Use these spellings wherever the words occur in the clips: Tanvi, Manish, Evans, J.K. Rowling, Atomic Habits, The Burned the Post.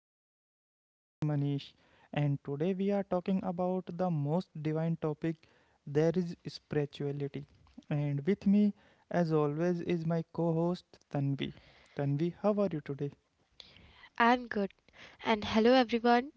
I am your host Manish, and today we are talking about the most divine topic there is spirituality. And with me, as always, is my co host Tanvi. Tanvi, how are you today? I'm good. And hello, everyone.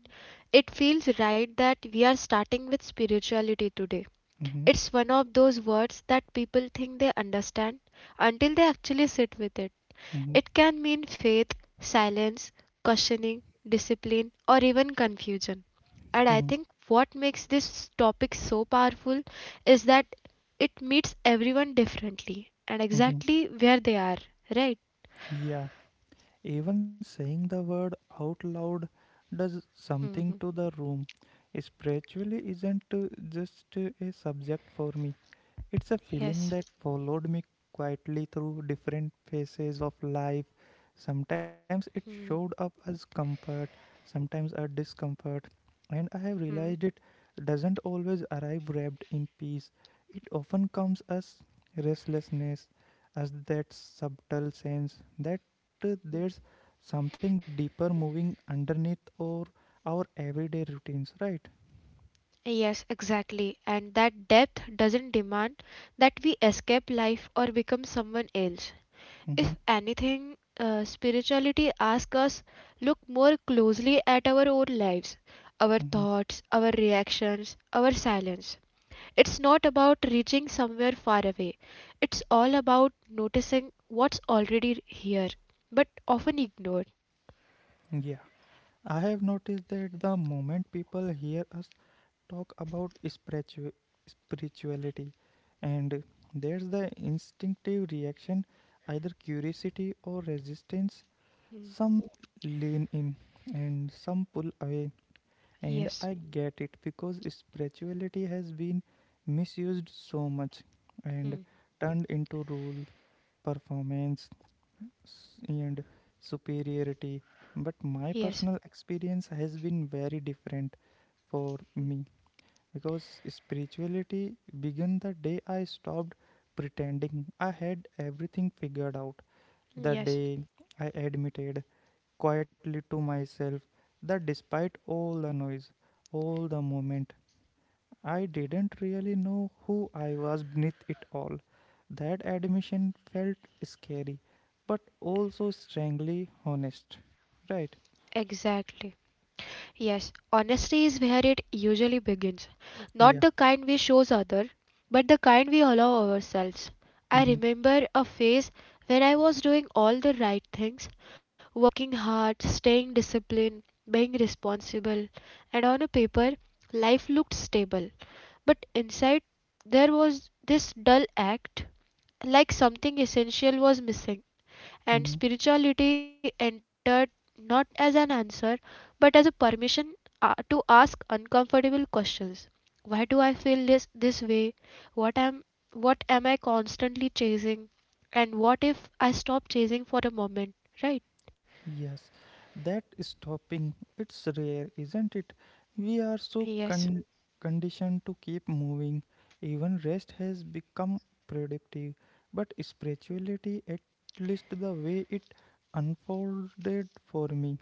It feels right that we are starting with spirituality today. Mm-hmm, It's one of those words that people think they understand until they actually sit with it. mm-hmm, It can mean faith, silence, questioning, discipline, or even confusion. mm-hmm, And I think what makes this topic so powerful is that it meets everyone differently and mm-hmm. exactly where they are, right? Yeah, even saying the word out loud does something to Hmm. the room. Spiritually isn't just a subject for me. It's a feeling Yes. that followed me quietly through different phases of life. Sometimes it showed Hmm. up as comfort, sometimes as discomfort, and I have realized it doesn't always arrive wrapped in peace. It often comes as restlessness, as that subtle sense that there's something deeper moving underneath or our everyday routines, right? Yes, exactly. And that depth doesn't demand that we escape life or become someone else. If Mm-hmm, anything, spirituality asks us look more closely at our own lives, our mm-hmm. thoughts, our reactions, our silence. It's not about reaching somewhere far away. It's all about noticing what's already here, but often ignored. Yeah. I have noticed that the moment people hear us talk about spirituality, and there's the instinctive reaction, either curiosity or resistance. Hmm. Some lean in and some pull away, and Yes. I get it because spirituality has been misused so much and Hmm. turned into rule, performance, and superiority. But my Yes. personal experience has been very different for me because spirituality began the day I stopped pretending I had everything figured out. The Yes. day I admitted quietly to myself that despite all the noise, all the movement, I didn't really know who I was beneath it all. That admission felt scary, but also strangely honest, right? Exactly. Yes, honesty is where it usually begins. Not the Yeah. kind we shows other, but the kind we allow ourselves. I Mm-hmm. remember a phase when I was doing all the right things, working hard, staying disciplined, being responsible, and on a paper life looked stable. But inside there was this dull act like something essential was missing and Mm-hmm. spirituality entered not as an answer but as a permission to ask uncomfortable questions. Why do I feel this way? What am, what am I constantly chasing? And what if I stop chasing for a moment, right? Yes. That stopping, it's rare, isn't it? We are so Yes. Conditioned to keep moving. Even rest has become productive. But spirituality, at least the way it unfolded for me,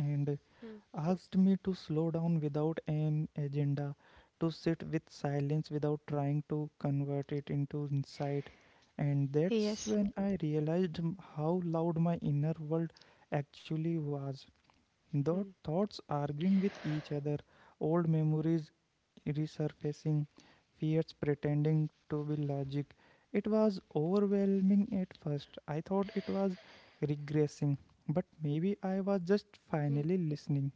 and Hmm. asked me to slow down without an agenda, to sit with silence without trying to convert it into insight. And that's Yes. when I realized how loud my inner world actually was. The thoughts arguing with each other, old memories resurfacing, fears pretending to be logic. It was overwhelming at first. I thought it was regressing, but maybe I was just finally listening,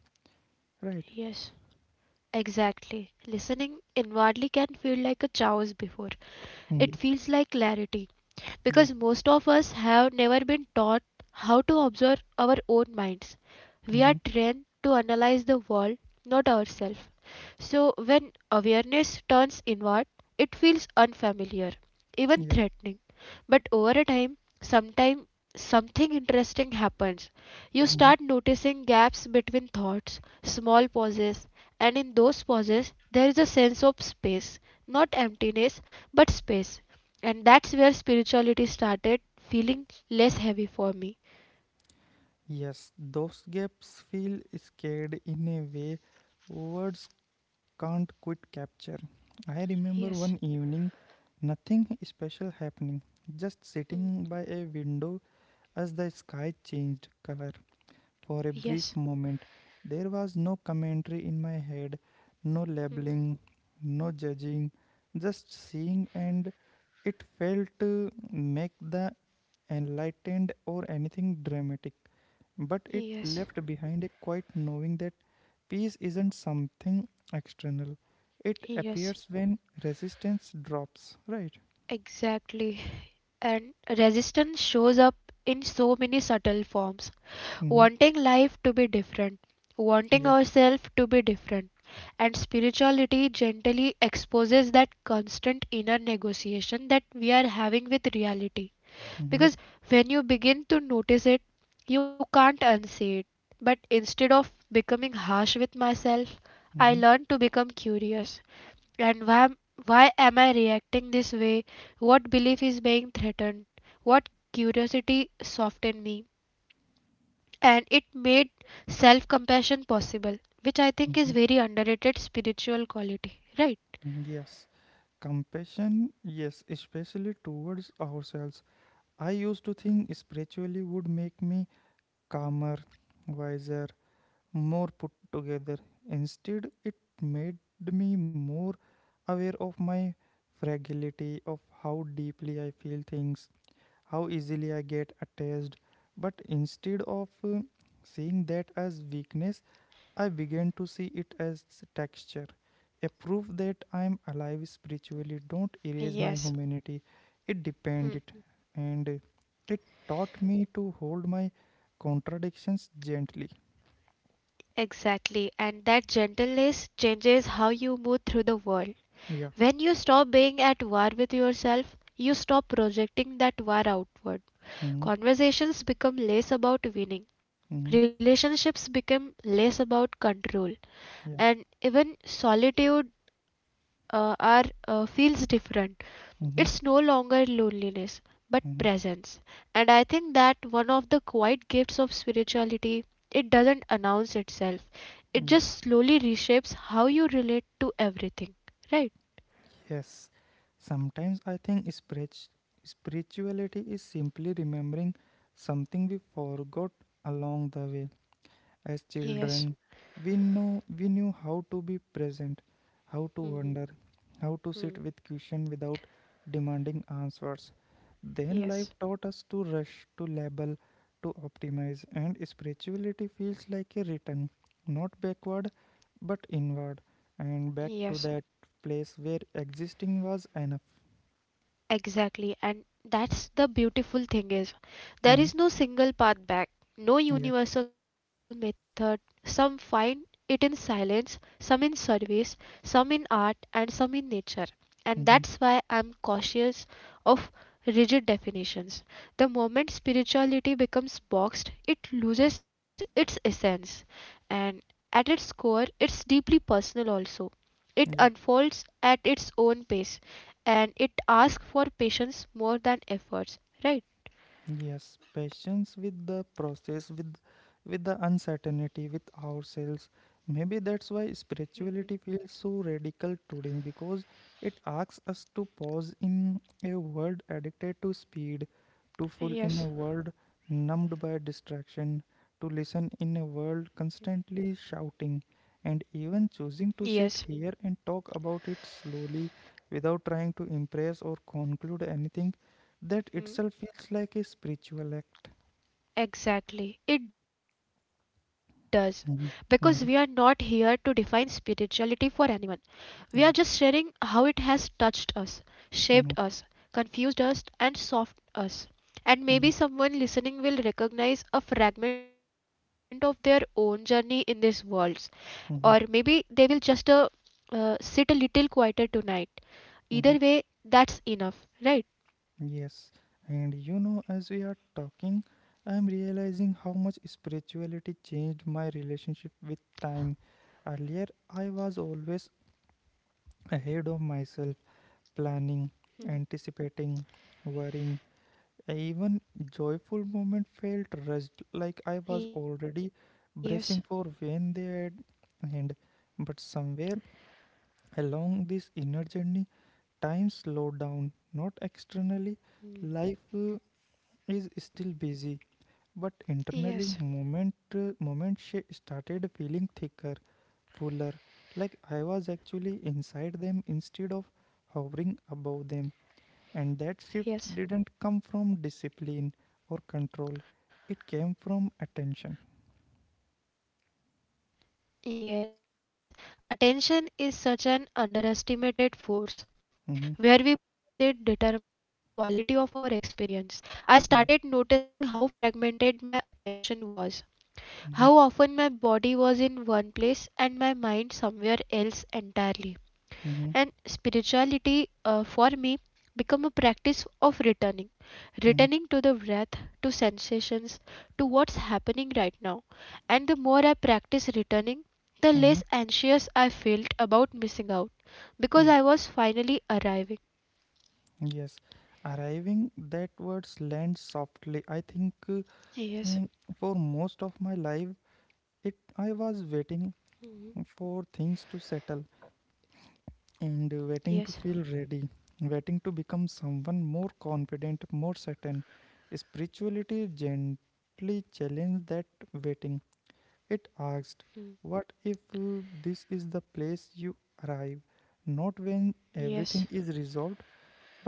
right? Yes, exactly. Listening inwardly can feel like a chaos before. Mhm. It feels like clarity, Yeah. because most of us have never been taught how to observe our own minds. We are Mhm. trained to analyze the world, not ourselves. So when awareness turns inward, it feels unfamiliar, even Yeah. threatening. But over a time, sometime something interesting happens. You Mhm. start noticing gaps between thoughts, small pauses, and in those pauses there is a sense of space, not emptiness, but space. And that's where spirituality started feeling less heavy for me. Yes, those gaps feel scared in a way words can't quite capture. I remember Yes, one evening, nothing special happening, just sitting by a window as the sky changed color for a yes, brief moment. There was no commentary in my head, no labeling, no judging, just seeing, and it failed to make the enlightened or anything dramatic. But it yes, left behind a quiet knowing that peace isn't something external. It yes, appears when resistance drops, right? exactly. And resistance shows up in so many subtle forms. Mm-hmm. Wanting life to be different, wanting Yeah. ourselves to be different. And spirituality gently exposes that constant inner negotiation that we are having with reality. Mm-hmm. Because when you begin to notice it, you can't unsee it. But instead of becoming harsh with myself, I learned to become curious. And why am I reacting this way? What belief is being threatened? What curiosity softened me? And it made self compassion possible, which I think is Mm-hmm. very underrated spiritual quality, right? Yes, compassion, yes, especially towards ourselves. I used to think spiritually would make me calmer, wiser, more put together. Instead, it made me more aware of my fragility, of how deeply I feel things, how easily I get attached. But instead of seeing that as weakness, I began to see it as texture, a proof that I am alive spiritually. Don't erase my Yes. humanity. It depended, Hmm. and it taught me to hold my contradictions gently. Exactly, and that gentleness changes how you move through the world. Yeah. When you stop being at war with yourself, you stop projecting that war outward. Mm-hmm. Conversations become less about winning, Mm-hmm. relationships become less about control, Yeah. and even solitude feels different. Mm-hmm. It's no longer loneliness, but Mm-hmm. presence. And I think that one of the quiet gifts of spirituality, it doesn't announce itself, it just slowly reshapes how you relate to everything, right? Yeah. Yes. Sometimes I think spirituality is simply remembering something we forgot along the way. As Yes, children, we knew how to be present, how to wonder, how to sit with question without demanding answers. Then yes. life taught us to rush, to label, to optimize, and spirituality feels like a return, not backward, but inward, and back Yes, to that place where existing was enough. exactly. And that's the beautiful thing is there Mhm. is no single path back, no Yeah. universal method. Some find it in silence, some in service, some in art, and some in nature. And that's why Mhm. I'm cautious of rigid definitions. The moment spirituality becomes boxed, it loses its essence. And at its core, it's deeply personal also. It Yeah. unfolds at its own pace and it asks for patience more than efforts, right? Yes, patience with the process, with the uncertainty, with ourselves. Maybe that's why spirituality feels so radical today because it asks us to pause in a world addicted to speed, to full in a world numbed by distraction, to listen in a world constantly shouting, and even Yes. choosing to sit here and talk about it slowly without trying to impress or conclude anything that Hmm. itself feels like a spiritual act. Exactly, it does. Because we are not Mhm. here to Mhm. define spirituality for anyone. We are just sharing Yeah. how it has touched us, shaped Mhm. us, confused us, and softened us. And Mhm. maybe someone listening will recognize a fragment of their own journey in this world, or maybe Mhm. they will just sit a little quieter tonight. Mhm. Either way, that's enough, right? Yes. And you know, as we are talking, I'm realizing how much spirituality changed my relationship with time. Earlier, I was always ahead of myself, planning, Mm. anticipating, worrying. Even joyful moment felt rushed, like I was already Yes. bracing for when they had. And but somewhere along this inner journey, time slowed down, not externally. Life Mm. is still busy, but internally, Yes. moment she started feeling thicker, fuller, like I was actually inside them instead of hovering above them. And that shift didn't come from Yes. discipline or control; it came from attention. Yes, attention is such an underestimated force. Where we Mm-hmm. place it determines the quality of our experience. I Yeah. started noticing how fragmented my attention was, Mm-hmm. how often my body was in one place and my mind somewhere else entirely. Mm-hmm. And spirituality for me become a practice of returning, Mm-hmm. returning to the breath, to sensations, to what's happening right now. And the more I practice returning, the Mm-hmm. less anxious I felt about missing out, Yeah. because I was finally arriving. Yes, arriving, that words land softly. I think mm, for Yes. most of my life, it I was waiting Mhm. for things to settle and waiting to Yes. feel ready, waiting to become someone more confident, more certain. Spirituality gently challenged that waiting. It asked, "What Mm. if this is the place you arrive, not when everything is Yes. resolved?"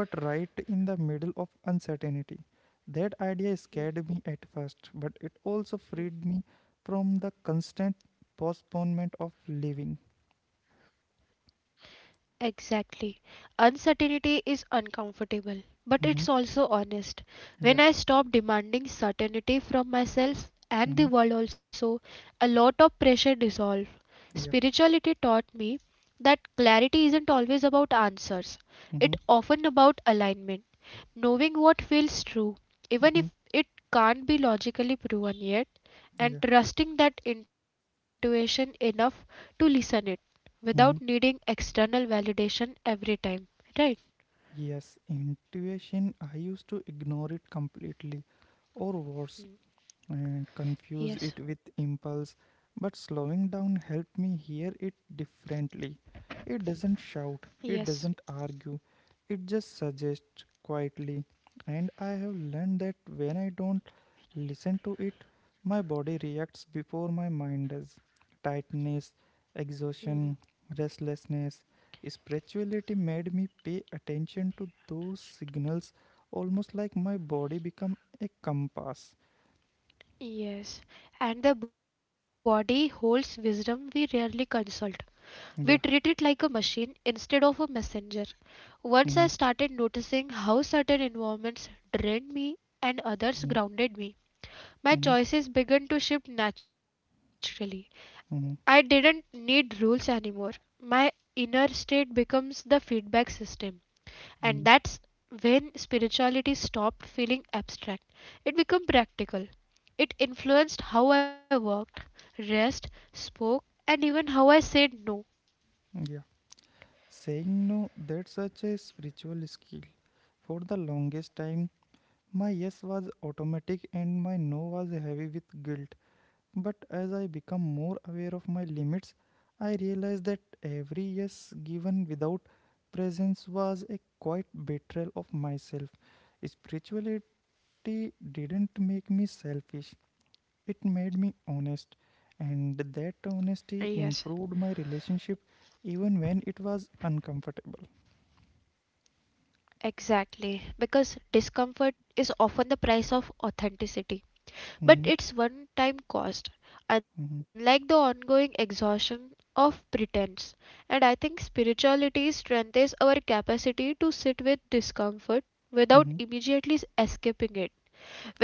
but right in the middle of uncertainty. That idea scared me at first, but it also freed me from the constant postponement of living. Exactly. Uncertainty is uncomfortable, Mm-hmm. but it's also honest. Yeah. When I stopped demanding certainty from Mm-hmm. myself and the world also, a lot of pressure dissolved. Yeah. Spirituality taught me that clarity isn't always about Mm-hmm. answers. It often about alignment, knowing what feels Mm-hmm. true, even if it can't be logically proven Yeah. yet, and trusting that intuition enough to listen it Mm-hmm. without needing external validation every time, right? Yes, intuition, I used to ignore it completely, or worse, Hmm. and confuse it with Yes, impulse, but slowing down helped me hear it differently. It doesn't shout, it yes, doesn't argue, it just suggests quietly. And I have learned that when I don't listen to it, my body reacts before my mind does. Tightness, hmm, exhaustion, restlessness. Spirituality made me pay attention to those signals almost like my body become a compass. yes. And the body holds wisdom we rarely consult. We treat it Yeah. like a machine instead of a messenger. Once I Mhm. started noticing how certain environments drained me and others Mhm. grounded me, my Mhm. choices began to shift naturally. Mhm. I didn't need rules anymore. My inner state becomes the feedback system. And Mhm. that's when spirituality stopped feeling abstract, it became practical. It influenced how I worked, rest, spoke, and even how I said no. Yeah. Saying no, that's such a spiritual skill. For the longest time, my yes was automatic and my no was heavy with guilt. But as I become more aware of my limits, I realized that every yes given without presence was a quiet betrayal of myself. Spirituality didn't make me selfish, it made me honest, and that honesty Yes. improved my relationship even when it was uncomfortable. Exactly, because discomfort is often the price of authenticity, Mm-hmm. but it's one time cost, Mm-hmm. unlike the ongoing exhaustion of pretense. And I think spirituality strengthens our capacity to sit with discomfort without Mm-hmm. immediately escaping it,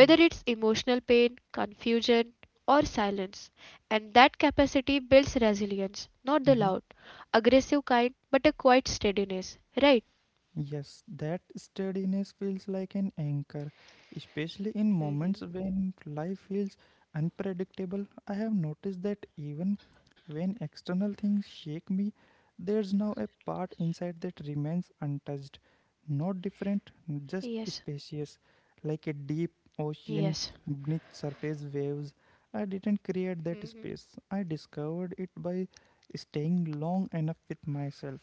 Yeah. it's emotional pain, confusion, or silence. And that capacity builds resilience, not the Mm-hmm. loud, aggressive kind, but a quiet steadiness, right? Yes, that steadiness feels like an anchor, especially in moments Hmm. when life feels unpredictable. I have noticed that even when external things shake me, there's now a part inside that remains untouched, not different, Yes, just spacious, like a deep yes. ocean beneath surface waves. I didn't create Hmm. that space, I discovered it by staying long enough with myself.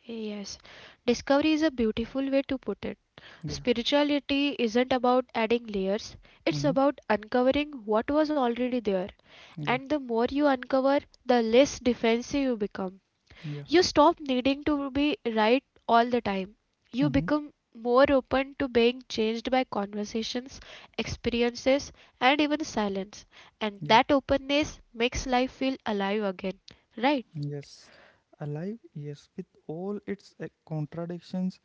Yes, discovery is a beautiful way to put it. Yeah. Spirituality isn't about adding layers, it's Mm-hmm. about uncovering what was already there. Yeah. And the more you uncover, the less defensive you become. Yeah. You stop needing to be right all the time. You Mm-hmm. become more open to being changed by conversations, experiences, and even silence. And Yeah. that openness makes life feel alive again, right? Yes. Alive, yes, with all its contradictions,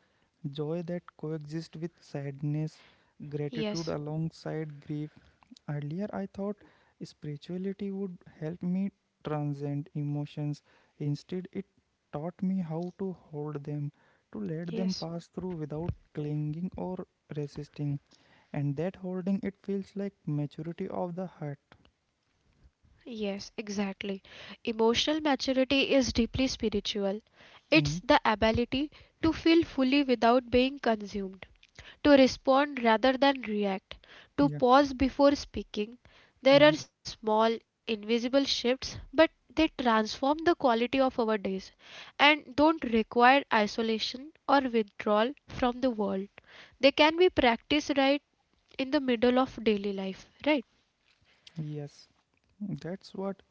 joy that coexist with sadness, gratitude Yes, alongside grief. Earlier, I thought spirituality would help me transcend emotions. Instead, it taught me how to hold them, to let them yes, pass through without clinging or resisting. And that holding, it feels like maturity of the heart. yes, exactly. Emotional maturity is deeply spiritual. Hmm. It's the ability to feel fully without being consumed, to respond rather than react, to Yeah. pause before speaking. There Hmm. are small, invisible shifts, but they transform the quality of our days and don't require isolation or withdrawal from the world. They can be practiced right in the middle of daily life, right? Yes. That's what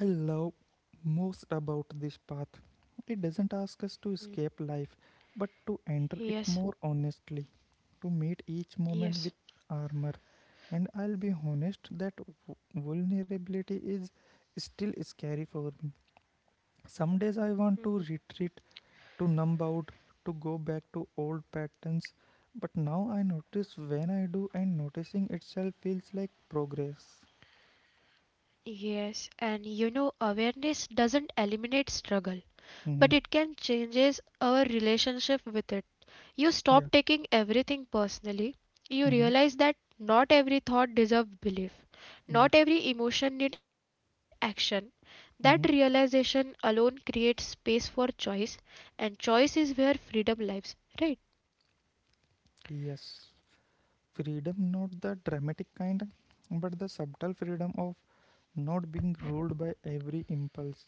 I love most about this path. It doesn't ask us to Mm. escape life, but to enter it Yes, more honestly, to meet each yes. moment with armor. And I'll be honest that vulnerability is still scary for me. Some days I want to retreat, to numb out, to go back to old patterns, but now I notice when I do, and noticing itself feels like progress. Yes, and you know, awareness doesn't eliminate struggle, but Hmm. it can changes our relationship with it. You stop Yeah. taking everything personally. You Hmm. realize that not every thought deserves belief. Not every emotion needs action. That Hmm. realization alone creates space for choice, and choice is where freedom lives, right? Yes, freedom, not the dramatic kind, but the subtle freedom of not being ruled by every impulse,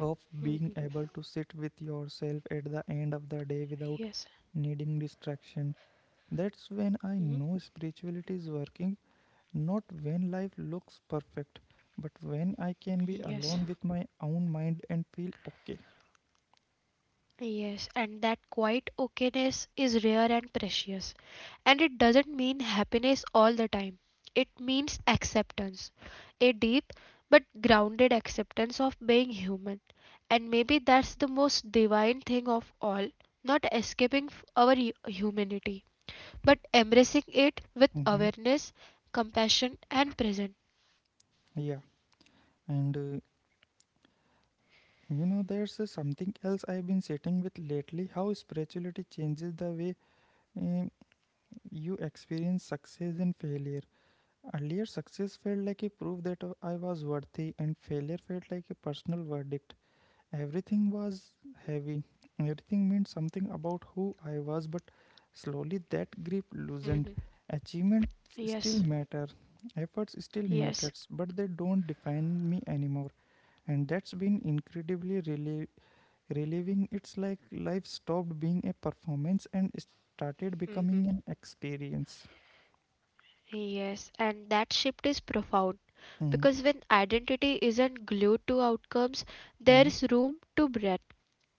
of being able to sit with yourself at the end of the day without Yes. needing distraction. That's when I Mhm. know spirituality is working, not when life looks perfect, but when I can be Yes. alone with my own mind and feel okay. Yes, and that quiet okayness is rare and precious. And it doesn't mean happiness all the time. It means acceptance, a deep but grounded acceptance of being human. And maybe that's the most divine thing of all, not escaping our humanity, but embracing it with Hmm. awareness, compassion, and presence. Yeah, and there's something else I've been sitting with lately, how spirituality changes the way um, you experience success and failure. Earlier, success felt like a proof that I was worthy, and failure felt like a personal verdict. Everything was heavy, everything meant something about who I was, but slowly that grip loosened. Mhm. Achievements still Yes, matter, efforts still matters, yes. but they don't define me anymore, and that's been incredibly reliving, it's like life stopped being a performance and started Mhm. becoming an experience. Yes, and that shift is profound Mm. because when identity isn't glued to outcomes, Mm. there's room to breathe.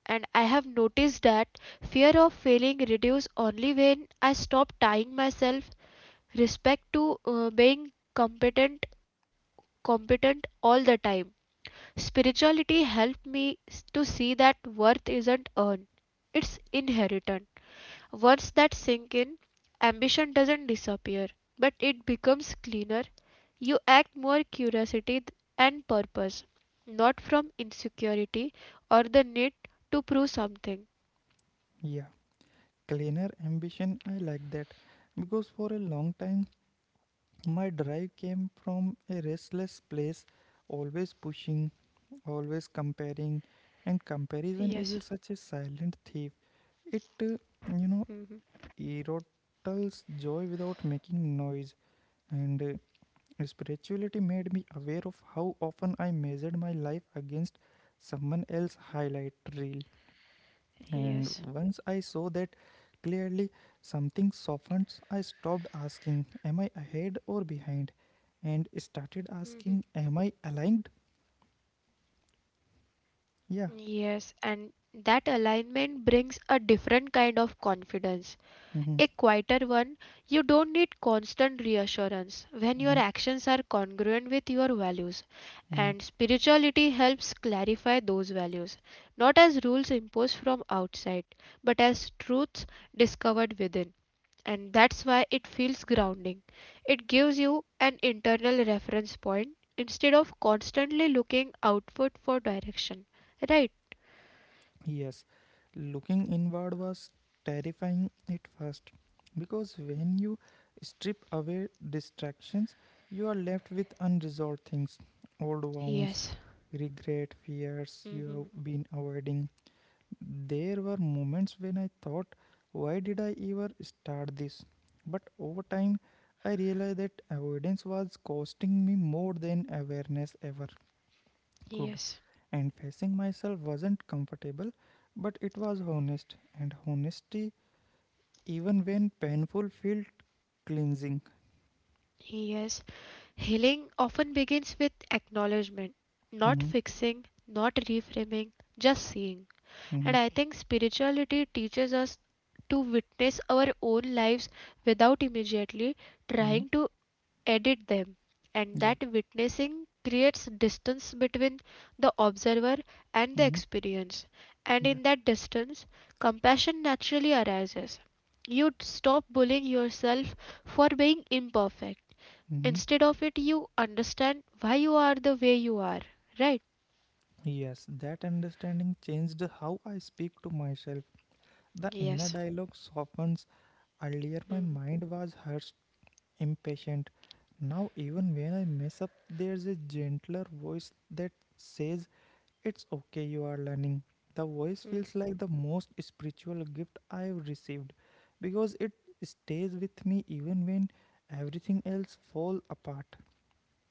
And I have noticed that fear of failing reduces only when I stop tying myself respect to being competent, all the time. Spirituality helped me to see that worth isn't earned, it's inherited. Words that sink in. Ambition doesn't disappear, but it becomes cleaner. You act more curiosity and purpose, not from insecurity or the need to prove something. Yeah, cleaner ambition, I like that. Because for a long time, my drive came from a restless place, always pushing, always comparing, and comparison Yes, is such a silent thief. It, you know, erodes joy without making noise, and spirituality made me aware of how often I measured my life against someone else's highlight reel. And yes. once I saw that clearly, something softened. I stopped asking, "Am I ahead or behind?" and started asking, Mhm. "Am I aligned?" Yeah. Yes, and that alignment brings a different kind of confidence, Mhm. a quieter one. You don't need constant reassurance when your Mhm. actions are congruent with your values. And spirituality helps clarify those values, not as rules imposed from outside, but as truths discovered within. And that's why it feels grounding. It gives you an internal reference point instead of constantly looking outward for direction, right? Yes, looking inward was terrifying at first because when you strip away distractions, you are left with unresolved things, old wounds, Yes. regret, fears Hmm. you have been avoiding. There were moments when I thought, why did I ever start this? But over time, I realized that avoidance was costing me more than awareness ever could, Yes. and facing myself wasn't comfortable, but it was honest, and honesty, even when painful, felt cleansing. Yes. Healing often begins with acknowledgement, not Hmm. fixing, not reframing, just seeing. Hmm. And I think spirituality teaches us to witness our own lives without immediately Hmm. trying to edit them, and Yeah. that witnessing creates distance between the observer and the Hmm. experience. And Yeah. in that distance, compassion naturally arises. You stop bullying yourself for being imperfect. Hmm. Instead of it, you understand why you are the way you are, right? Yes, that understanding changed how I speak to myself. The inner Yes. dialogue softens. Earlier, my Mhm. mind was harsh, impatient. Now, even when I mess up, there's a gentler voice that says, "It's okay, you are learning." The voice feels like the most spiritual gift I've received because it stays with me even when everything else fall apart.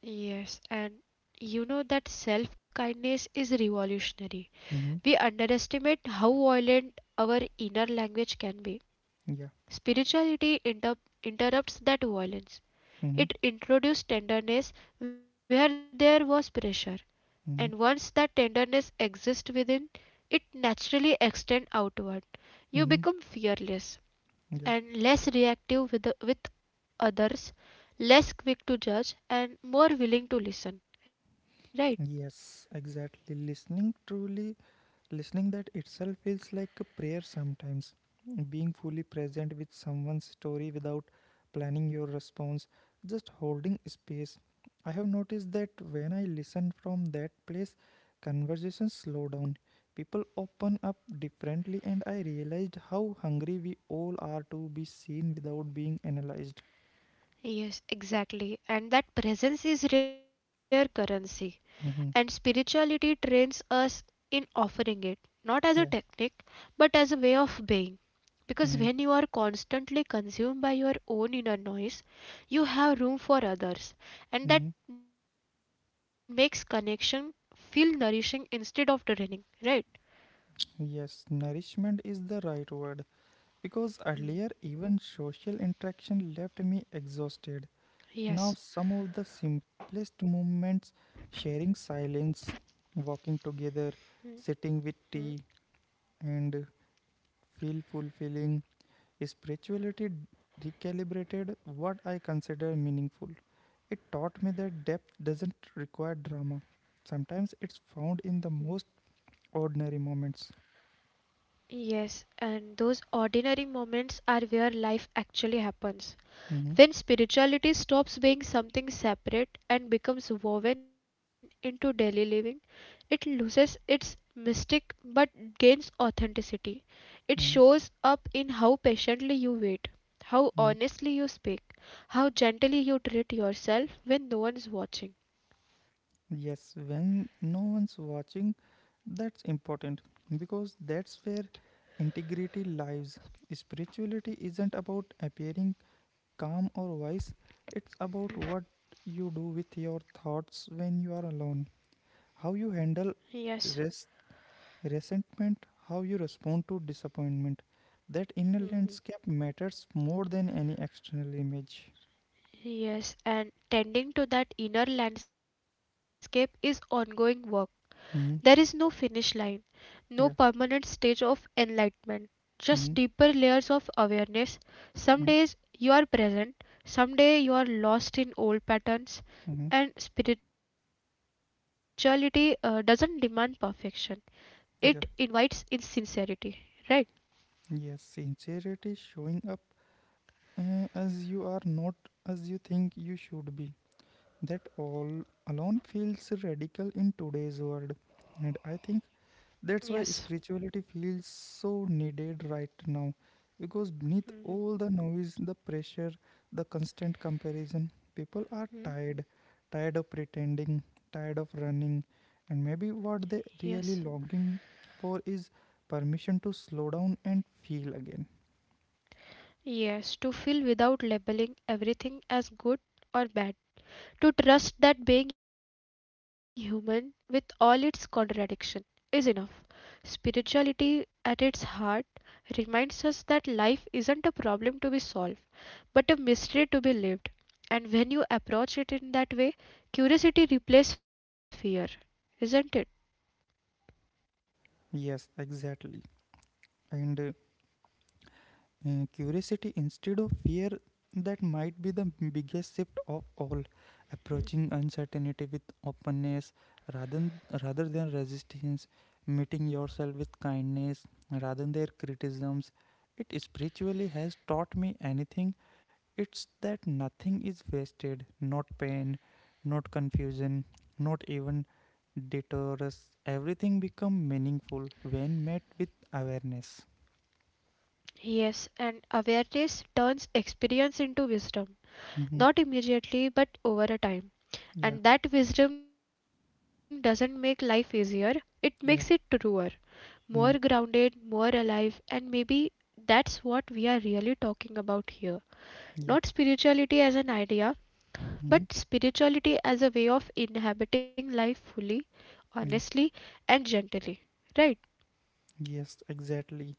Yes, and you know that self kindness is revolutionary. Mm-hmm. We underestimate how violent our inner language can be. Yeah. Spirituality interrupts that violence. Mm-hmm. It introduces tenderness where there was pressure, and once Mm-hmm. that tenderness exists within, it naturally extends outward. You become Mm-hmm. fearless and Yeah. less reactive with others, less quick to judge, and more willing to listen, right? Yes, exactly. Listening that itself feels like a prayer sometimes. Being fully present with someone's story without planning your response, just holding space. I have noticed that when I listen from that place, conversations slow down. People open up differently, and I realized how hungry we all are to be seen without being analyzed. Yes, exactly. And that presence is rare currency. And Mm-hmm. spirituality trains us in offering it, not as a Yeah. technique, but as a way of being. Because when Mm-hmm. you are constantly consumed by your own inner noise, you have room for others, and Mm-hmm. that makes connection feel nourishing instead of draining, right? Yes, nourishment is the right word. Because Mm. earlier, even social interaction left me exhausted. Now, Yes. some of the simplest moments, sharing silence, walking together, sitting with tea, and feel fulfilling. Spirituality recalibrated what I consider meaningful. It taught me that depth doesn't require drama. Sometimes it's found in the most ordinary moments. Yes, and those ordinary moments are where life actually happens. When Mhm, spirituality stops being something separate and becomes woven into daily living, it loses its mystic but gains authenticity. It shows mhm, up in how patiently you wait, how mhm. honestly you speak, how gently you treat yourself when no one's watching. Yes, when no one's watching, that's important, because that's where integrity lies. Spirituality isn't about appearing calm or wise, it's about what you do with your thoughts when you are alone, how you Yes. handle res- resentment, how you respond to disappointment. That inner Mhm. landscape matters more than any external image. Yes, and tending to that inner landscape is ongoing work. There is no Mhm. finish line, no Yeah. permanent stage of enlightenment, just Mhm. deeper layers of awareness. Mhm. Some days you are present, some day you are lost in old patterns, Mhm. and spirituality doesn't demand perfection. It Yeah. invites insincerity, right? Yes, sincerity showing up as you are, not as you think you should be. That all alone feels radical in today's world. And I think that's why Yes. spirituality feels so needed right now. Because beneath all the noise, the pressure, the constant comparison, people are tired. Hmm? Tired of pretending, tired of running. And maybe what they Yes. really longing for is permission to slow down and feel again. Yes, to feel without labeling everything as good or bad. To trust that being human, with all its contradiction, is enough. Spirituality, at its heart, reminds us that life isn't a problem to be solved, but a mystery to be lived. And when you approach it in that way, curiosity replaces fear, isn't it? Yes, exactly. And curiosity instead of fear, that might be the biggest shift of all. Approaching uncertainty with openness rather, rather than resistance, meeting yourself with kindness rather than criticisms. It spiritually has taught me anything, it's that nothing is wasted, not pain, not confusion, not even deterrence. Everything become meaningful when met with awareness. Yes, and awareness turns experience into wisdom, Mhm. not immediately, but over a time. Yeah, And that wisdom doesn't make life easier, it makes it yeah. truer. More Mm. grounded, more alive, and maybe that's what we are really talking about here. Not Yeah. spirituality as an idea, but Hmm. spirituality as a way of inhabiting life fully, Yeah. honestly, and gently. Right? Yes, exactly.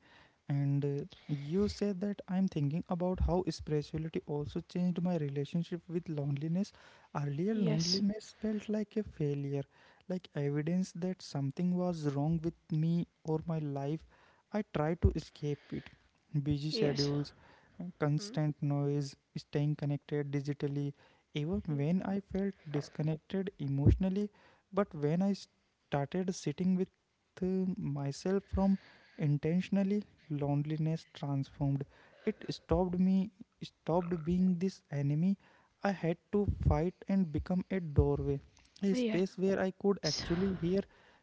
And you said that. I'm thinking about how spirituality also changed my relationship with loneliness. Earlier, loneliness Yes, felt like a failure, like evidence that something was wrong with me or my life. I tried to escape it. Busy schedules, yes. constant Hmm, noise, staying connected digitally, even when I hmm. felt disconnected emotionally. But when I started sitting with myself from intentionally, loneliness transformed. It stopped being this enemy I had to fight and become a doorway, a space where I Yes, could actually hear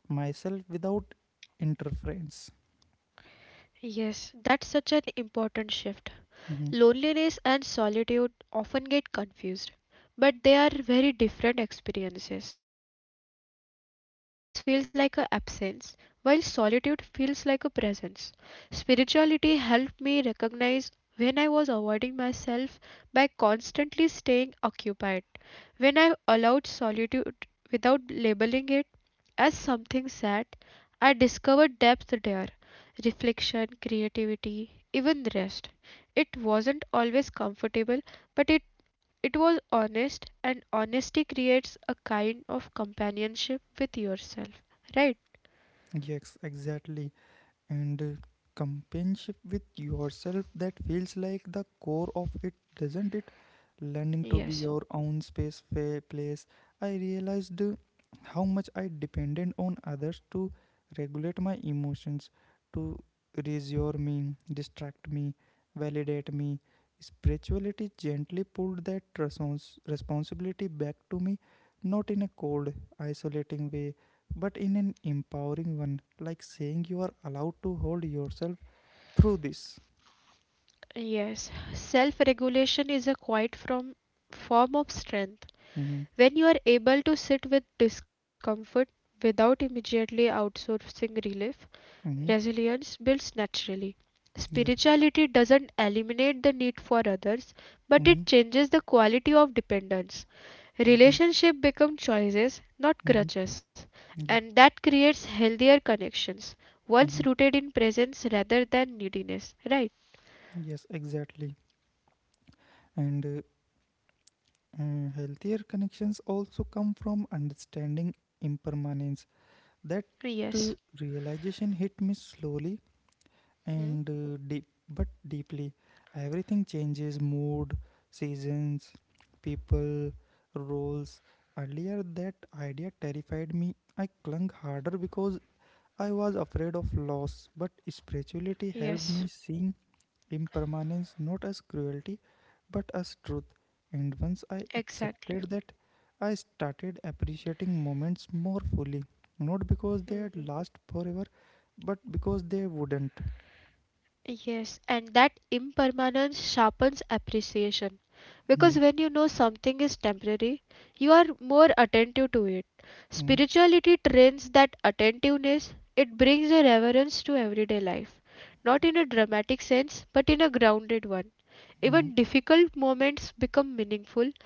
myself without interference. yes, that's such an important shift. Mhm. Loneliness and solitude often get confused, but they are very different experiences. Loneliness feels like an absence, while solitude feels like a presence. Spirituality helped me recognize when I was avoiding myself by constantly staying occupied. When I allowed solitude without labeling it as something sad, I discovered depth there reflection, creativity, even rest. It wasn't always comfortable, but it was honest, and honesty creates a kind of companionship with yourself. Right? Yes, exactly. And companionship with yourself, that feels like the core of it, doesn't it? Learning to be Yes. your own place. I realized how much I depended on others to regulate my emotions, to reassure me, distract me, validate me. Spirituality gently pulled that responsibility back to me, not in a cold, isolating way, but in an empowering one, like saying, you are allowed to hold yourself through this. Yes. Self regulation is a quiet form of strength. Mm-hmm. When you are able to sit with discomfort without immediately outsourcing relief, Mm-hmm. resilience builds naturally. Yeah. Spirituality doesn't eliminate the need for others, but Mm-hmm. it changes the quality of dependence. Mm-hmm. Relationship become choices, not Mm-hmm. crutches, Yeah. and that creates healthier connections, once Mm-hmm. rooted in presence rather than neediness. Right? Yes, exactly. And healthier connections also come from understanding impermanence. That Yes. uh, realization hit me slowly Hmm? and deeply. Everything changes: mood, seasons, people, roles. Earlier, that idea terrified me. I clung harder because I was afraid of loss. But spirituality Yes. helped me seeing impermanence not as cruelty but as truth. And once I Exactly. accepted that, I started appreciating moments more fully. Not because they Hmm. had last forever, but because they wouldn't. Yes, and that impermanence sharpens appreciation Hmm. because when you know something is temporary, you are more attentive to it. Hmm. Spirituality trains that attentiveness, it brings a reverence to everyday life, not in a dramatic sense, but in a grounded one. Hmm. Even difficult moments become meaningful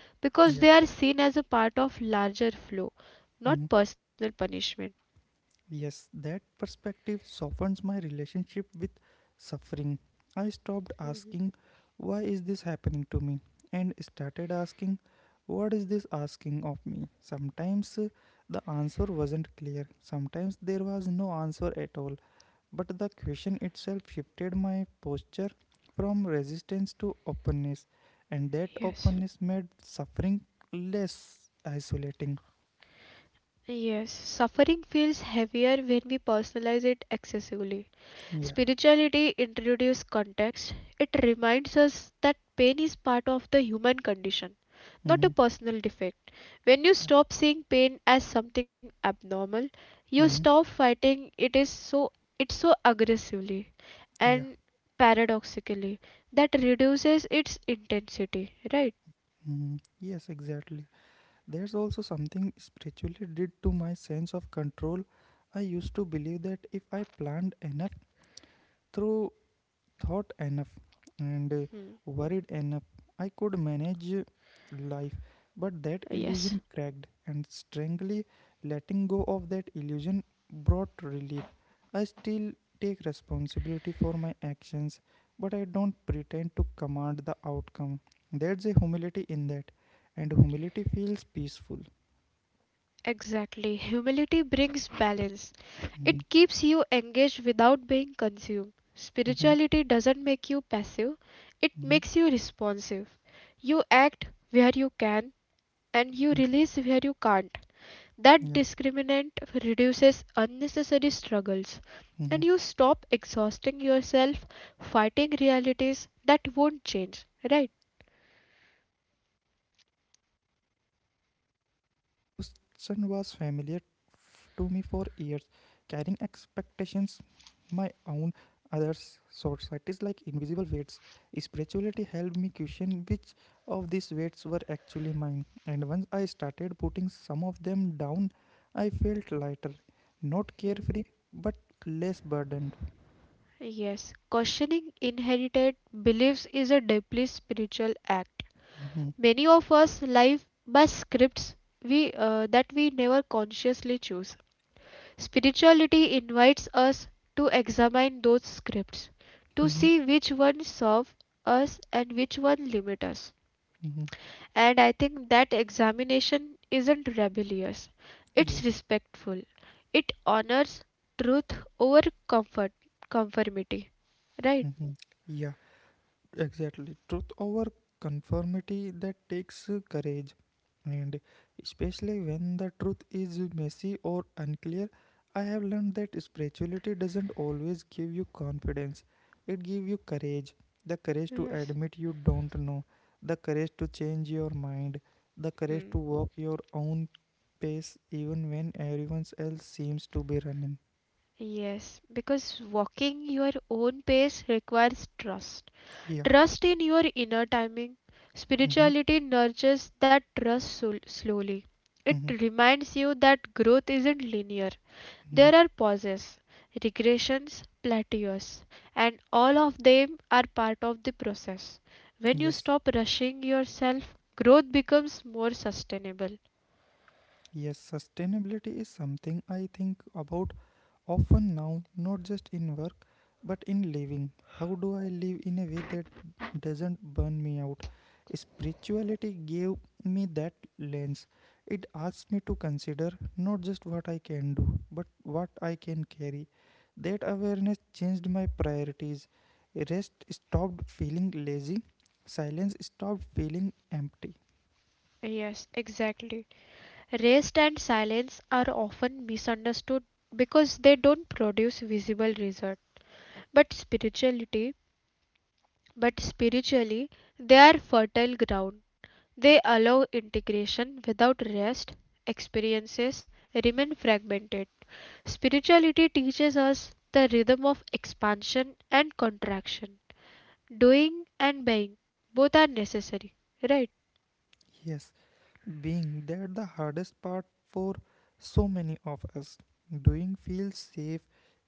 Yeah. because they are seen as a part of larger flow, Hmm. not personal punishment. Yes, that perspective softens my relationship with suffering. I stopped asking, "Why is this happening to me?" and started asking, "What is this asking of me?" Sometimes the answer wasn't clear, sometimes there was no answer at all, but the question itself shifted my posture from resistance to openness, and that Yes. openness made suffering less isolating. Yes, suffering feels heavier when we personalize it excessively. Yeah. Spirituality introduces context. It reminds us that pain is part of the human condition, not a Mm-hmm. personal defect. When you Yeah. stop seeing pain as something abnormal, you Mm-hmm. stop fighting it is so it so aggressively Yeah. and paradoxically that reduces its intensity, right? Mm, yes, exactly. There's also something spiritually did to my sense of control. I used to believe that if I planned enough, through thought enough, and Hmm. worried enough, I could manage life. But that Yes. illusion cracked, and strangely, letting go of that illusion brought relief. I still take responsibility for my actions, but I don't pretend to command the outcome. There's a humility in that, and humility feels peaceful. Exactly. Humility brings balance. Mhm, It keeps you engaged without being consumed. mhm, Spirituality doesn't make you passive, it mhm, makes you responsive. You act where you can and you mhm. release where you can't. That Yeah. discriminant reduces unnecessary struggles and Mhm. you stop exhausting yourself fighting realities that won't change, right? Yes, exactly. That exhaustion was familiar to me for years, carrying expectations: my own, others, societies, like invisible weights. Spirituality helped me question which of these weights were actually mine, and once I started putting some of them down, I felt lighter, not carefree, but less burdened. Yes, questioning inherited beliefs is a deeply spiritual act. Mhm. Many of us live by scripts we that we never consciously choose. Spirituality invites us to examine those scripts, to Mhm. see which ones serve us and which one limit us. Mhm. And I think that examination isn't rebellious. Yeah. It's respectful. It honors truth over comfort conformity. Right? Mhm. Yeah. Exactly. Truth over conformity, that takes courage. And especially when the truth is messy or unclear, I have learned that spirituality doesn't always give you confidence. It gives you courage. The courage to Yes. admit you don't know, the courage to change your mind, the courage Hmm. to walk your own pace even when everyone else seems to be running. Yes, because walking your own pace requires trust. Yeah. Trust in your inner timing. Mm-hmm. Spirituality nurtures that trust slowly. It Mm-hmm. reminds you that growth isn't linear. Mm-hmm. There are pauses, regressions, plateaus, and all of them are part of the process. When you Yes. stop rushing yourself, growth becomes more sustainable. Yes, sustainability is something I think about often now, not just in work, but in living. How do I live in a way that doesn't burn me out? Spirituality gave me that lens. It asks me to consider not just what I can do, but what I can carry. That awareness changed my priorities. Rest stopped feeling lazy, silence stopped feeling empty. Yes, exactly. Rest and silence are often misunderstood because they don't produce visible result. But spirituality, but spiritually, they are fertile ground. They allow integration without rest. Experiences remain fragmented. Spirituality teaches us the rhythm of expansion and contraction. Doing and being both are necessary. Right, Yes, being, that the hardest part for so many of us. Doing feels safe,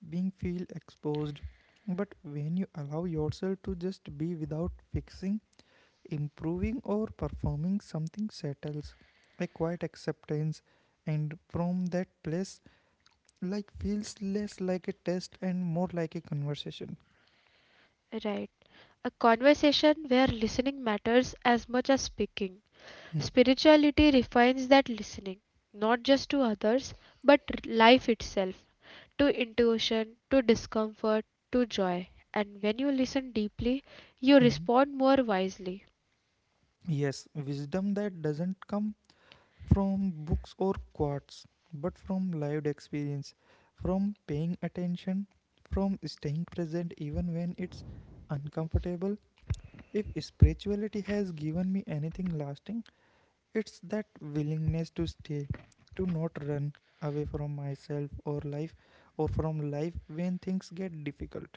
being feel exposed. But when you allow yourself to just be without fixing, improving or performing, something settles. A quiet acceptance, and from that place, like feels less like a test and more like a conversation. right. A conversation where listening matters as much as speaking. Mhm. Spirituality refines that listening, not just to others, but life itself, to intuition, to discomfort, to joy. And when you listen deeply, you Mhm. respond more wisely. Yes, wisdom that doesn't come from books or quotes, but from lived experience, from paying attention, from staying present even when it's uncomfortable. If spirituality has given me anything lasting, it's that willingness to stay, to not run away from myself or from life when things get difficult.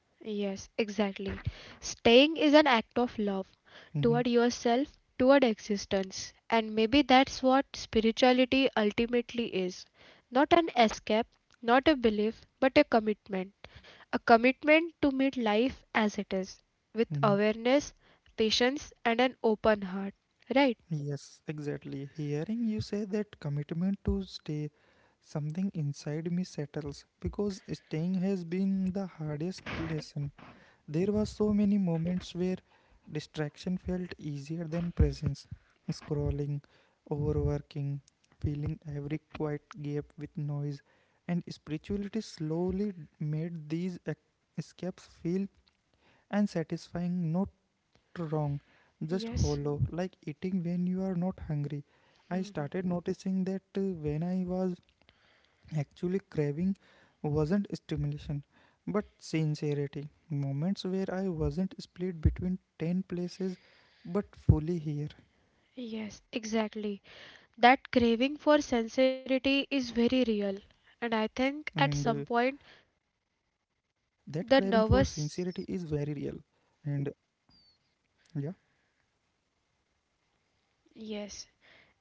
Yes, exactly. Staying is an act of love toward Mhm, yourself, toward existence. And maybe that's what spirituality ultimately is not an escape, not a belief, but a commitment to meet life as it is with mhm. awareness, patience, and an open heart. Right? Yes, exactly. Hearing you say that, commitment to stay, something inside me settles, because staying has been the hardest lesson. There were so many moments where distraction felt easier than presence. Scrolling, overworking, filling every quiet gap with noise, and spirituality slowly made these escapes feel unsatisfying, not wrong, just Yes. hollow, like eating when you are not hungry. I Hmm. started noticing that when I was actually craving wasn't stimulation but sincerity. Moments where I wasn't split between 10 places but fully here, Yes, exactly. That craving for right? sincerity is very real. And And I think at That some craving point, for sincerity is very real. the nervous. And yeah. Yes,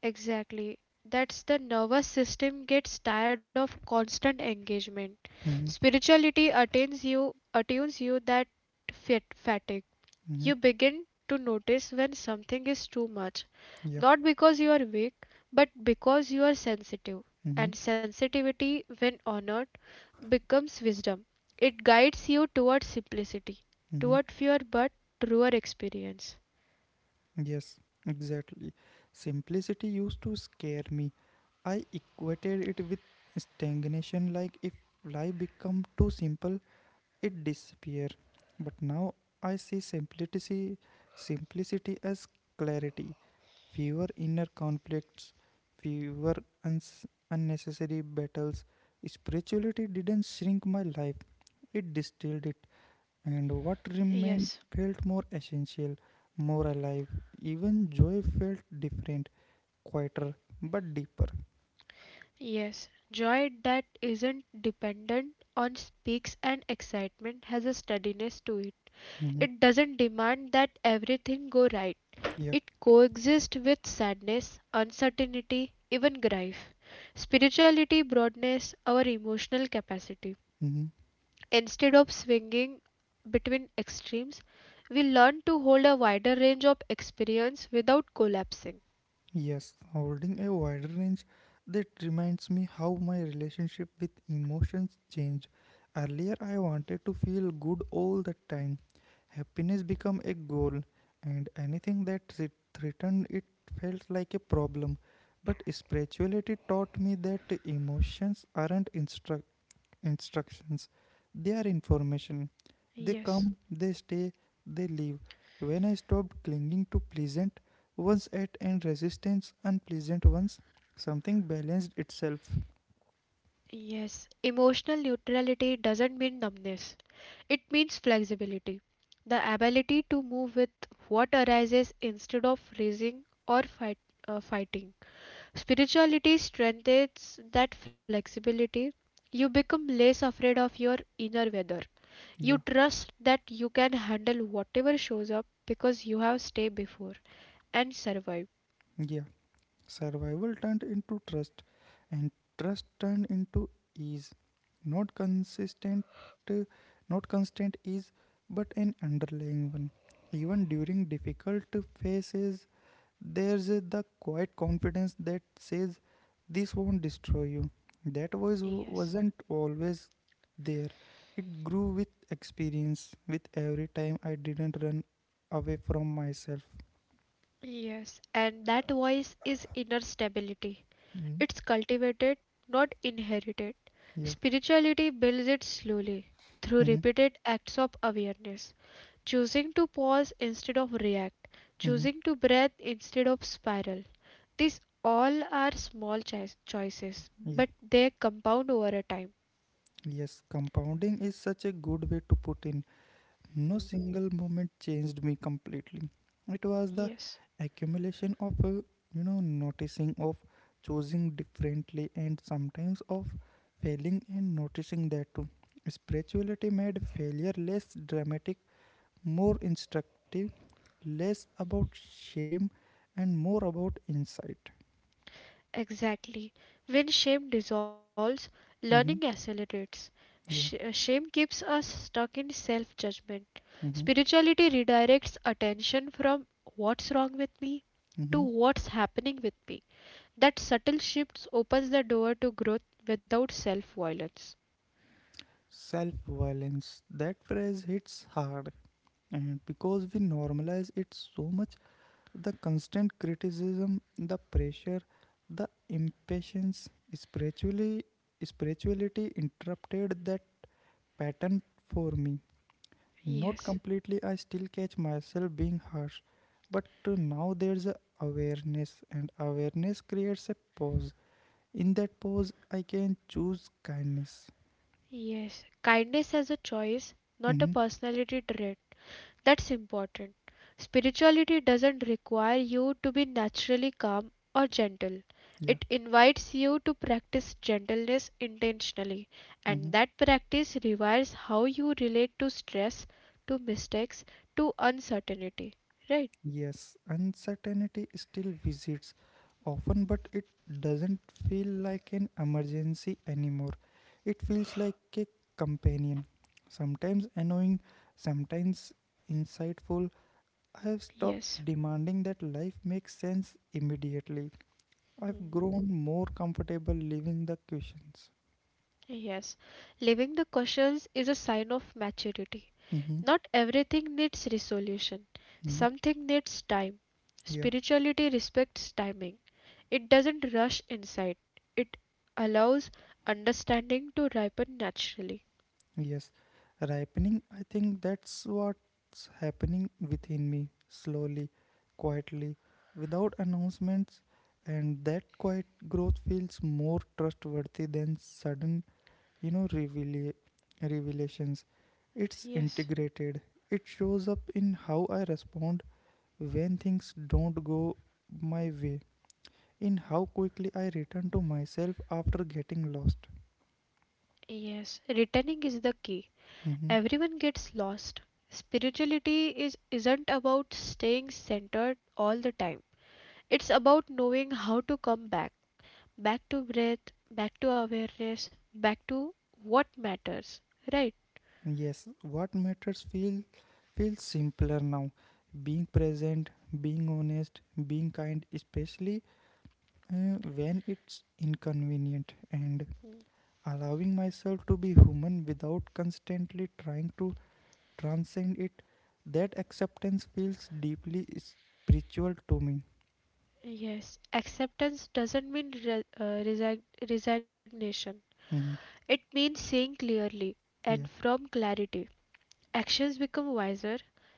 exactly. That's the nervous system gets tired of constant engagement. Mm-hmm, Spirituality attunes you that fit fatigue. mm-hmm, You begin to notice when something is too much, yeah. not because you are weak, but because you are sensitive. Mm-hmm, And sensitivity, when honored, becomes wisdom. It guides you toward simplicity, mm-hmm. toward fewer but truer experience. Yes, exactly. Simplicity used to scare me. I equated it with stagnation, like if life become too simple, it disappear. But now I see simplicity as clarity, fewer inner conflicts, fewer uns- unnecessary battles. Spirituality didn't shrink my life; it distilled it. And what Yes, remained felt more essential, more alive. Even joy felt different, quieter, but deeper. yes. Joy that isn't dependent on peaks and excitement has a steadiness to it. Mhm. It doesn't demand that everything go right. Yeah. It coexists with sadness, uncertainty, even grief. Spirituality broadens our emotional capacity. Mhm. Instead of swinging between extremes, we learn to hold a wider range of experience without collapsing. Yes, holding a wide range, that reminds me how my relationship with emotions changed. Earlier I wanted to feel good all the time. Happiness became a goal, and anything that threatened it felt like a problem. But spirituality taught me that emotions aren't instructions, they are information. They Yes. come, they stay, they leave. When I stopped clinging to pleasant ones at and resistance unpleasant ones, something balanced itself. Yes, emotional neutrality doesn't mean numbness. It means flexibility, the ability to move with what arises instead of fighting. Spirituality strengthens that flexibility. You become less afraid of your inner weather. You Yeah, trust that you can handle whatever shows up because you have stayed before and survived. yeah. Survival turned into trust, and trust turned into ease. Not consistent, uh, not constant ease, but an underlying one. Even during difficult phases, there's the quiet confidence that says, "This won't destroy you." That voice Yes. wasn't always there. It grew with experience, with every time I didn't run away from myself. Yes, and that voice is inner stability. Mm, It's cultivated, not inherited. yeah. Spirituality builds it slowly through Mm-hmm. repeated acts of awareness, choosing to pause instead of react, Mm-hmm. choosing to breathe instead of spiral. These all are small choices, Yeah. but they compound over a time. Yes, compounding is such a good way to put in. No Mhm. single moment changed me completely. It was the Yes, accumulation of, noticing, of choosing differently, and sometimes of failing and noticing that too. Spirituality made failure less dramatic, more instructive, less about shame, and more about insight. exactly. When shame dissolves, learning Mm-hmm. accelerates. Yeah. Shame keeps us stuck in self judgment. Mm-hmm. Spirituality redirects attention from what's wrong with me to Mm-hmm. what's happening with me. That subtle shift opens the door to growth without self violence. Self violence. That phrase hits hard, and because we normalize it so much: the constant criticism, the pressure, the impatience. Spirituality interrupted that pattern for me. Not Yes, completely, I still catch myself being harsh, but now there's a awareness, and awareness creates a pause. In that pause, I can choose kindness. yes. Kindness as a choice, not a Hmm. personality trait. That's important. Spirituality doesn't require you to be naturally calm or gentle. Yeah. It invites you to practice gentleness intentionally, Mm-hmm. and that practice rewires how you relate to stress, to mistakes, to uncertainty. Right? Yes, uncertainty still visits often, but it doesn't feel like an emergency anymore. It feels like a companion, sometimes annoying, sometimes insightful. I have stopped Yes. demanding that life makes sense immediately. I've Mhm. grown more comfortable leaving the questions. Yes, living the questions is a sign of maturity. Mm-hmm. Not everything needs resolution, Hmm. something needs time. Yeah. Spirituality respects timing, it doesn't rush insight, it allows understanding to ripen naturally. Yes, ripening, I think that's what's happening within me, slowly, quietly, without announcements, and that quiet growth feels more trustworthy than sudden, you know, reveal- revelations. It's Yes, integrated, it shows up in how I respond when things don't go my way, in how quickly I return to myself after getting lost. yes, returning is the key. Mhm. Everyone gets lost. Spirituality is isn't about staying centered all the time. It's about knowing how to come back. Back to breath, back to awareness, back to what matters, right? Yes, what matters feels simpler now. Being present, being honest, being kind, especially when it's inconvenient, and allowing myself to be human without constantly trying to transcend it. That acceptance feels deeply spiritual to me. Yes, acceptance doesn't mean resignation. Mhm. It means seeing clearly and Yeah, from clarity. Actions become wiser,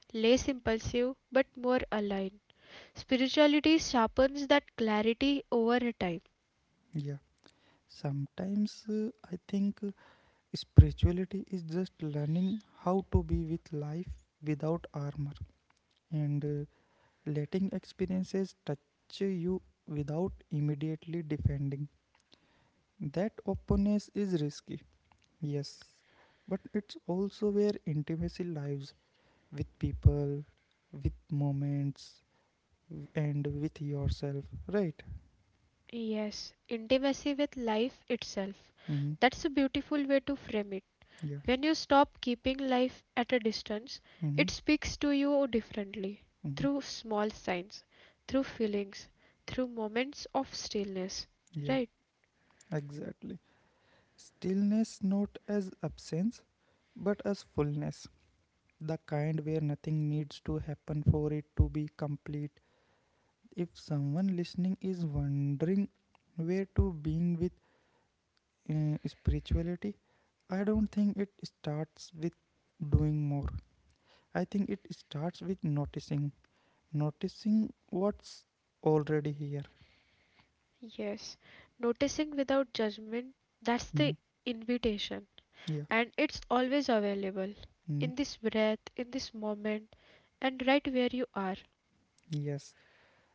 less impulsive, but more aligned. Spirituality sharpens that clarity over time. yeah. Sometimes I think spirituality is just learning how to be with life without armor and letting experiences touch you without immediately defending. That openness is risky, yes, but it's also where intimacy lives with people, with moments, and with yourself, right? Yes, intimacy with life itself. Mm-hmm. That's a beautiful way to frame it. Yeah. When you stop keeping life at a distance, Mm-hmm. it speaks to you differently Mm-hmm. through small signs, through feelings, through moments of stillness. Yeah, Right? exactly. Stillness not as absence, but as fullness. The kind where nothing needs to happen for it to be complete. If someone listening is wondering where to being with spirituality, I don't think it starts with doing more. I think it starts with noticing, noticing what's already here. Yes. Noticing without judgment, that's Mhm. the invitation, Yeah. and it's always available Mm. in this breath, in this moment, and right where you are. Yes.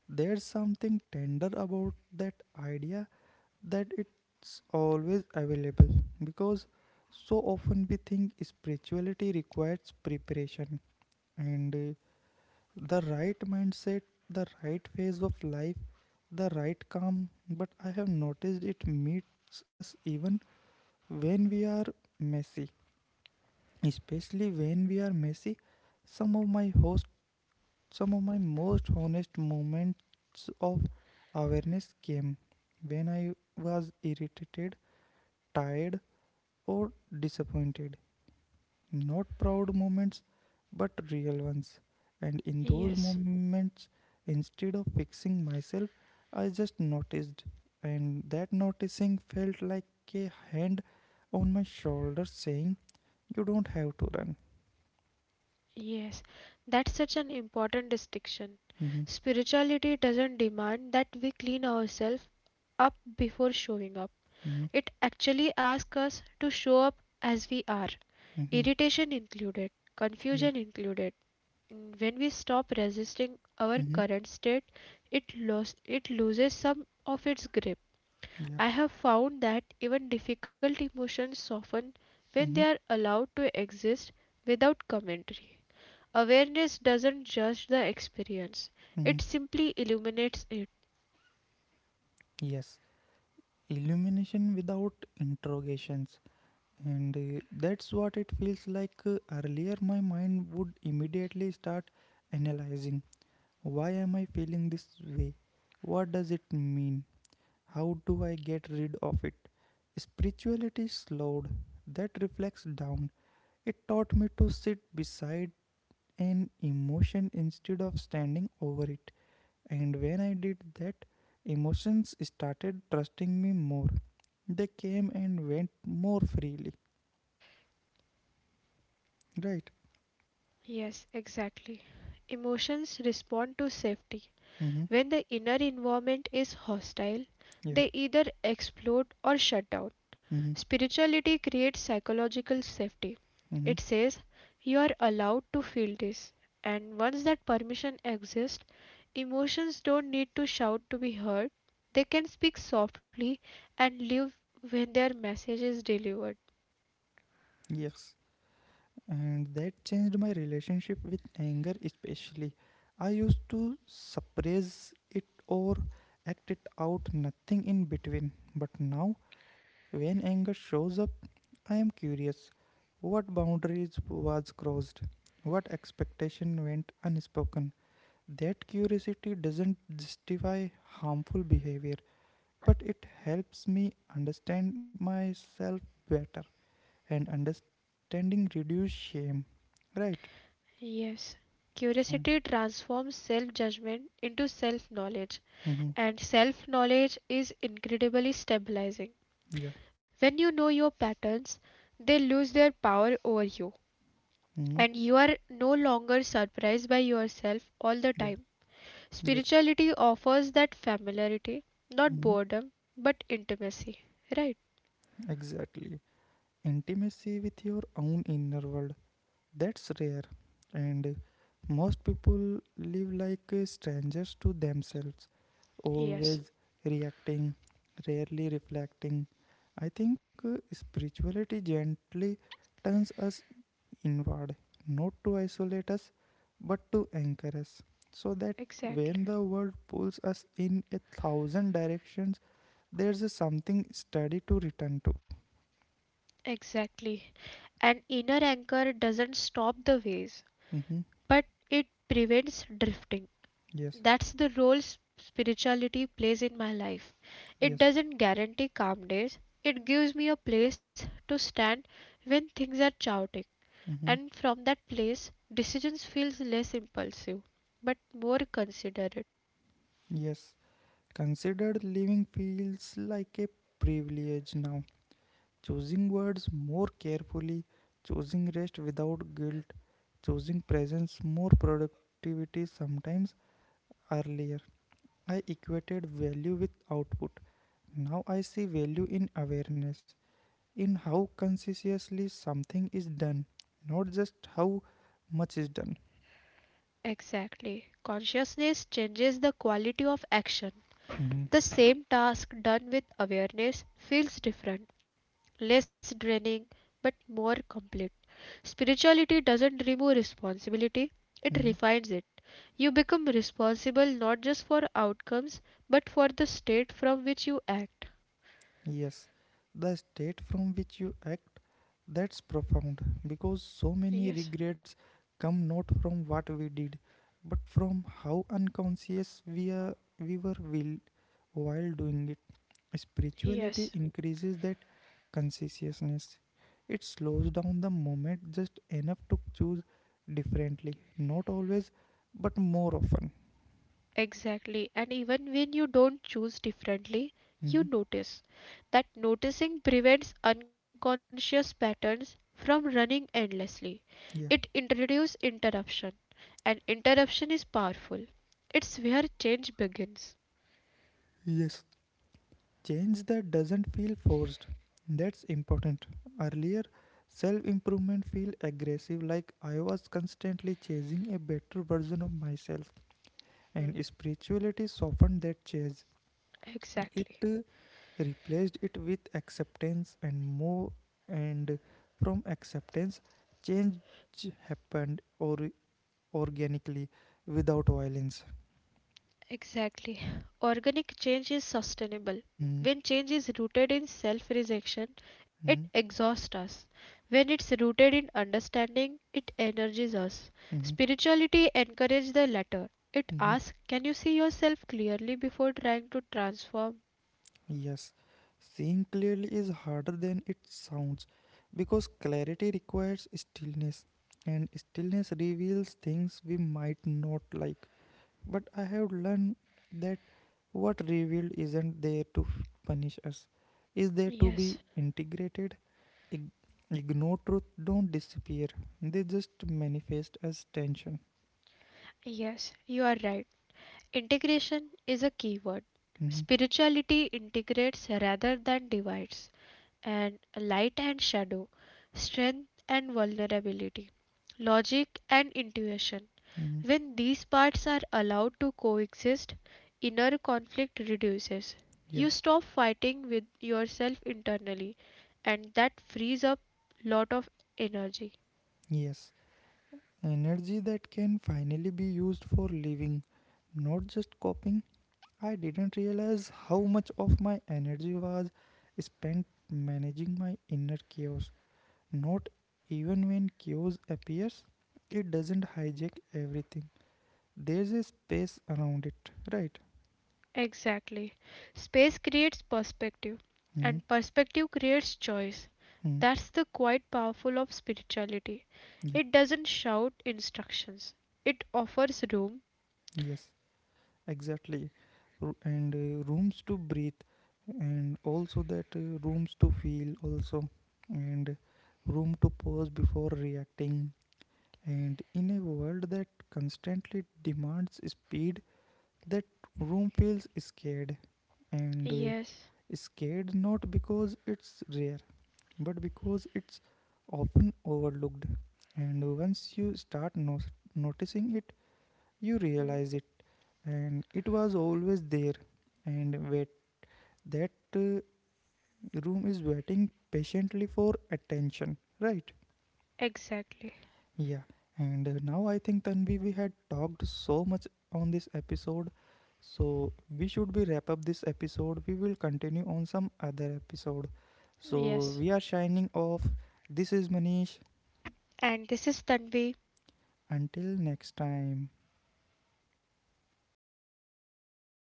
There's something tender about that idea that it's always available because so often we think spirituality requires preparation and the right mindset, the right phase of life, the right calm. But I have noticed it meets us even when we are messy. Especially when we are messy, some of my host, some of my most honest moments of awareness came when I was irritated, tired, or disappointed. Not proud moments but real ones, and in those Yes. moments, instead of fixing myself, I just noticed, and that noticing felt like a hand on my shoulder saying, you don't have to run. Yes, that's such an important distinction. Mm-hmm, Spirituality doesn't demand that we clean ourselves up before showing up. mm-hmm, It actually asks us to show up as we are, mm-hmm, irritation included, yeah, confusion included. Mm, when we stop resisting our mm-hmm, current state, it loses some of its grip. yeah, I have found that even difficult emotions soften when they mm-hmm, are allowed to exist without commentary. Awareness doesn't judge the experience, mm-hmm. it simply illuminates it. Yes, illumination without interrogations and that's what it feels like. Earlier my mind would immediately start analyzing. Why am I feeling this way? What does it mean? How do I get rid of it? Spirituality slowed. That reflects down. It taught me to sit beside an emotion instead of standing over it. And when I did that, emotions started trusting me more. They came and went more freely. Right? Yes, exactly. Emotions respond to safety. Mm-hmm. When the inner environment is hostile, Yeah. they either explode or shut down. Mm-hmm. Spirituality creates psychological safety. Mm-hmm. It says you are allowed to feel this, and once that permission exists, emotions don't need to shout to be heard. They can speak softly and live when their message is delivered. Yes, and that changed my relationship with anger especially. I used to suppress it or act it out, nothing in between, but now when anger shows up I am curious, what boundaries was crossed, what expectation went unspoken. That curiosity doesn't justify harmful behavior, but it helps me understand myself better, and understanding reduce shame, right? Yes. Mm, Curiosity transforms self judgment into self knowledge, mhm, and self knowledge is incredibly stabilizing. yeah, When you know your patterns, they lose their power over you, mhm, and you are no longer surprised by yourself all the yeah. time. Yes. Spirituality offers that familiarity, not Mhm. boredom, but intimacy, right? Exactly. Intimacy with your own inner world. That's rare. And most people live like strangers to themselves, Yes, always reacting, rarely reflecting. I think spirituality gently turns us inward, not to isolate us, but to anchor us, so that exactly. when the world pulls us in a thousand directions, there's a something steady to return to. Exactly. An inner anchor doesn't stop the waves, Mm-hmm. but it prevents drifting. Yes, That's the role spirituality plays in my life. It yes, doesn't guarantee calm days, it gives me a place to stand when things are chaotic. mm-hmm. And from that place decisions feels less impulsive but more considerate. Yes. Considered living feels like a privilege now. Choosing words more carefully, choosing rest without guilt, choosing presence more productivity sometimes earlier. I equated value with output. Now I see value in awareness, in how consciously something is done, not just how much is done. Exactly. Consciousness changes the quality of action. Mhm. The same task done with awareness feels different, less draining but more complete. Spirituality doesn't remove responsibility, it Mhm. refines it. You become responsible not just for outcomes but for the state from which you act. Yes, the state from which you act, that's profound because so many Yes. regrets come not from what we did, but from how unconscious we were, while doing it. Yes. Spirituality increases that consciousness. It slows down the moment just enough to choose differently. Not always, but more often. Exactly. And even when you don't choose differently, you Mhm. notice. That noticing prevents unconscious patterns from running endlessly. It Yeah. introduces interruption, and interruption is powerful. It's where change begins. Yes. Change that doesn't feel forced. That's important. Earlier, self improvement feel aggressive, like I was constantly chasing a better version of myself, Hmm. and spirituality softened that chase. It Exactly. uh, replaced it with acceptance and more, and from acceptance change happened or organically, without violence. Exactly. Organic change is sustainable. Mm, When change is rooted in self rejection, mm, it exhausts us. When it's rooted in understanding, it energizes us. mm, Spirituality encourages the latter. It mm. asks, can you see yourself clearly before trying to transform? Yes, seeing clearly is harder than it sounds because clarity requires stillness, and stillness reveals things we might not like. But I have learned that what revealed isn't there to punish us, is there to be Yes, integrated. Ig- Ignore truth, don't disappear. They just manifest as tension. yes, you are right. Integration is a key word. Mhm, Spirituality integrates rather than divides, and light and shadow, strength and vulnerability, logic and intuition. mhm. When these parts are allowed to coexist, inner conflict reduces. Yeah, You stop fighting with yourself internally, and that frees up lot of energy. yes. Energy that can finally be used for living, not just coping. I didn't realize how much of my energy was spent managing my inner chaos. Not even when chaos appears, it doesn't hijack everything. There's a space around it, right? Exactly. Space creates perspective, Hmm. and perspective creates choice. Hmm. That's the quite powerful of spirituality. Yeah, It doesn't shout instructions, it offers room. yes, exactly. And rooms to breathe, and also that rooms to feel, also, and room to pause before reacting. And in a world that constantly demands speed, that room feels scared and Yes, scared not because it's rare but because it's often overlooked. And once you start noticing it, you mhm, realize it. And it was always there and wait. That room is waiting patiently for attention, right? exactly. Yeah. And now I think, Tanvi, we had talked so much on this episode. So we should be wrap up this episode. We will continue on some other episode. So Yes. we are shining off. This is Manish. And this is Tanvi. Until next time.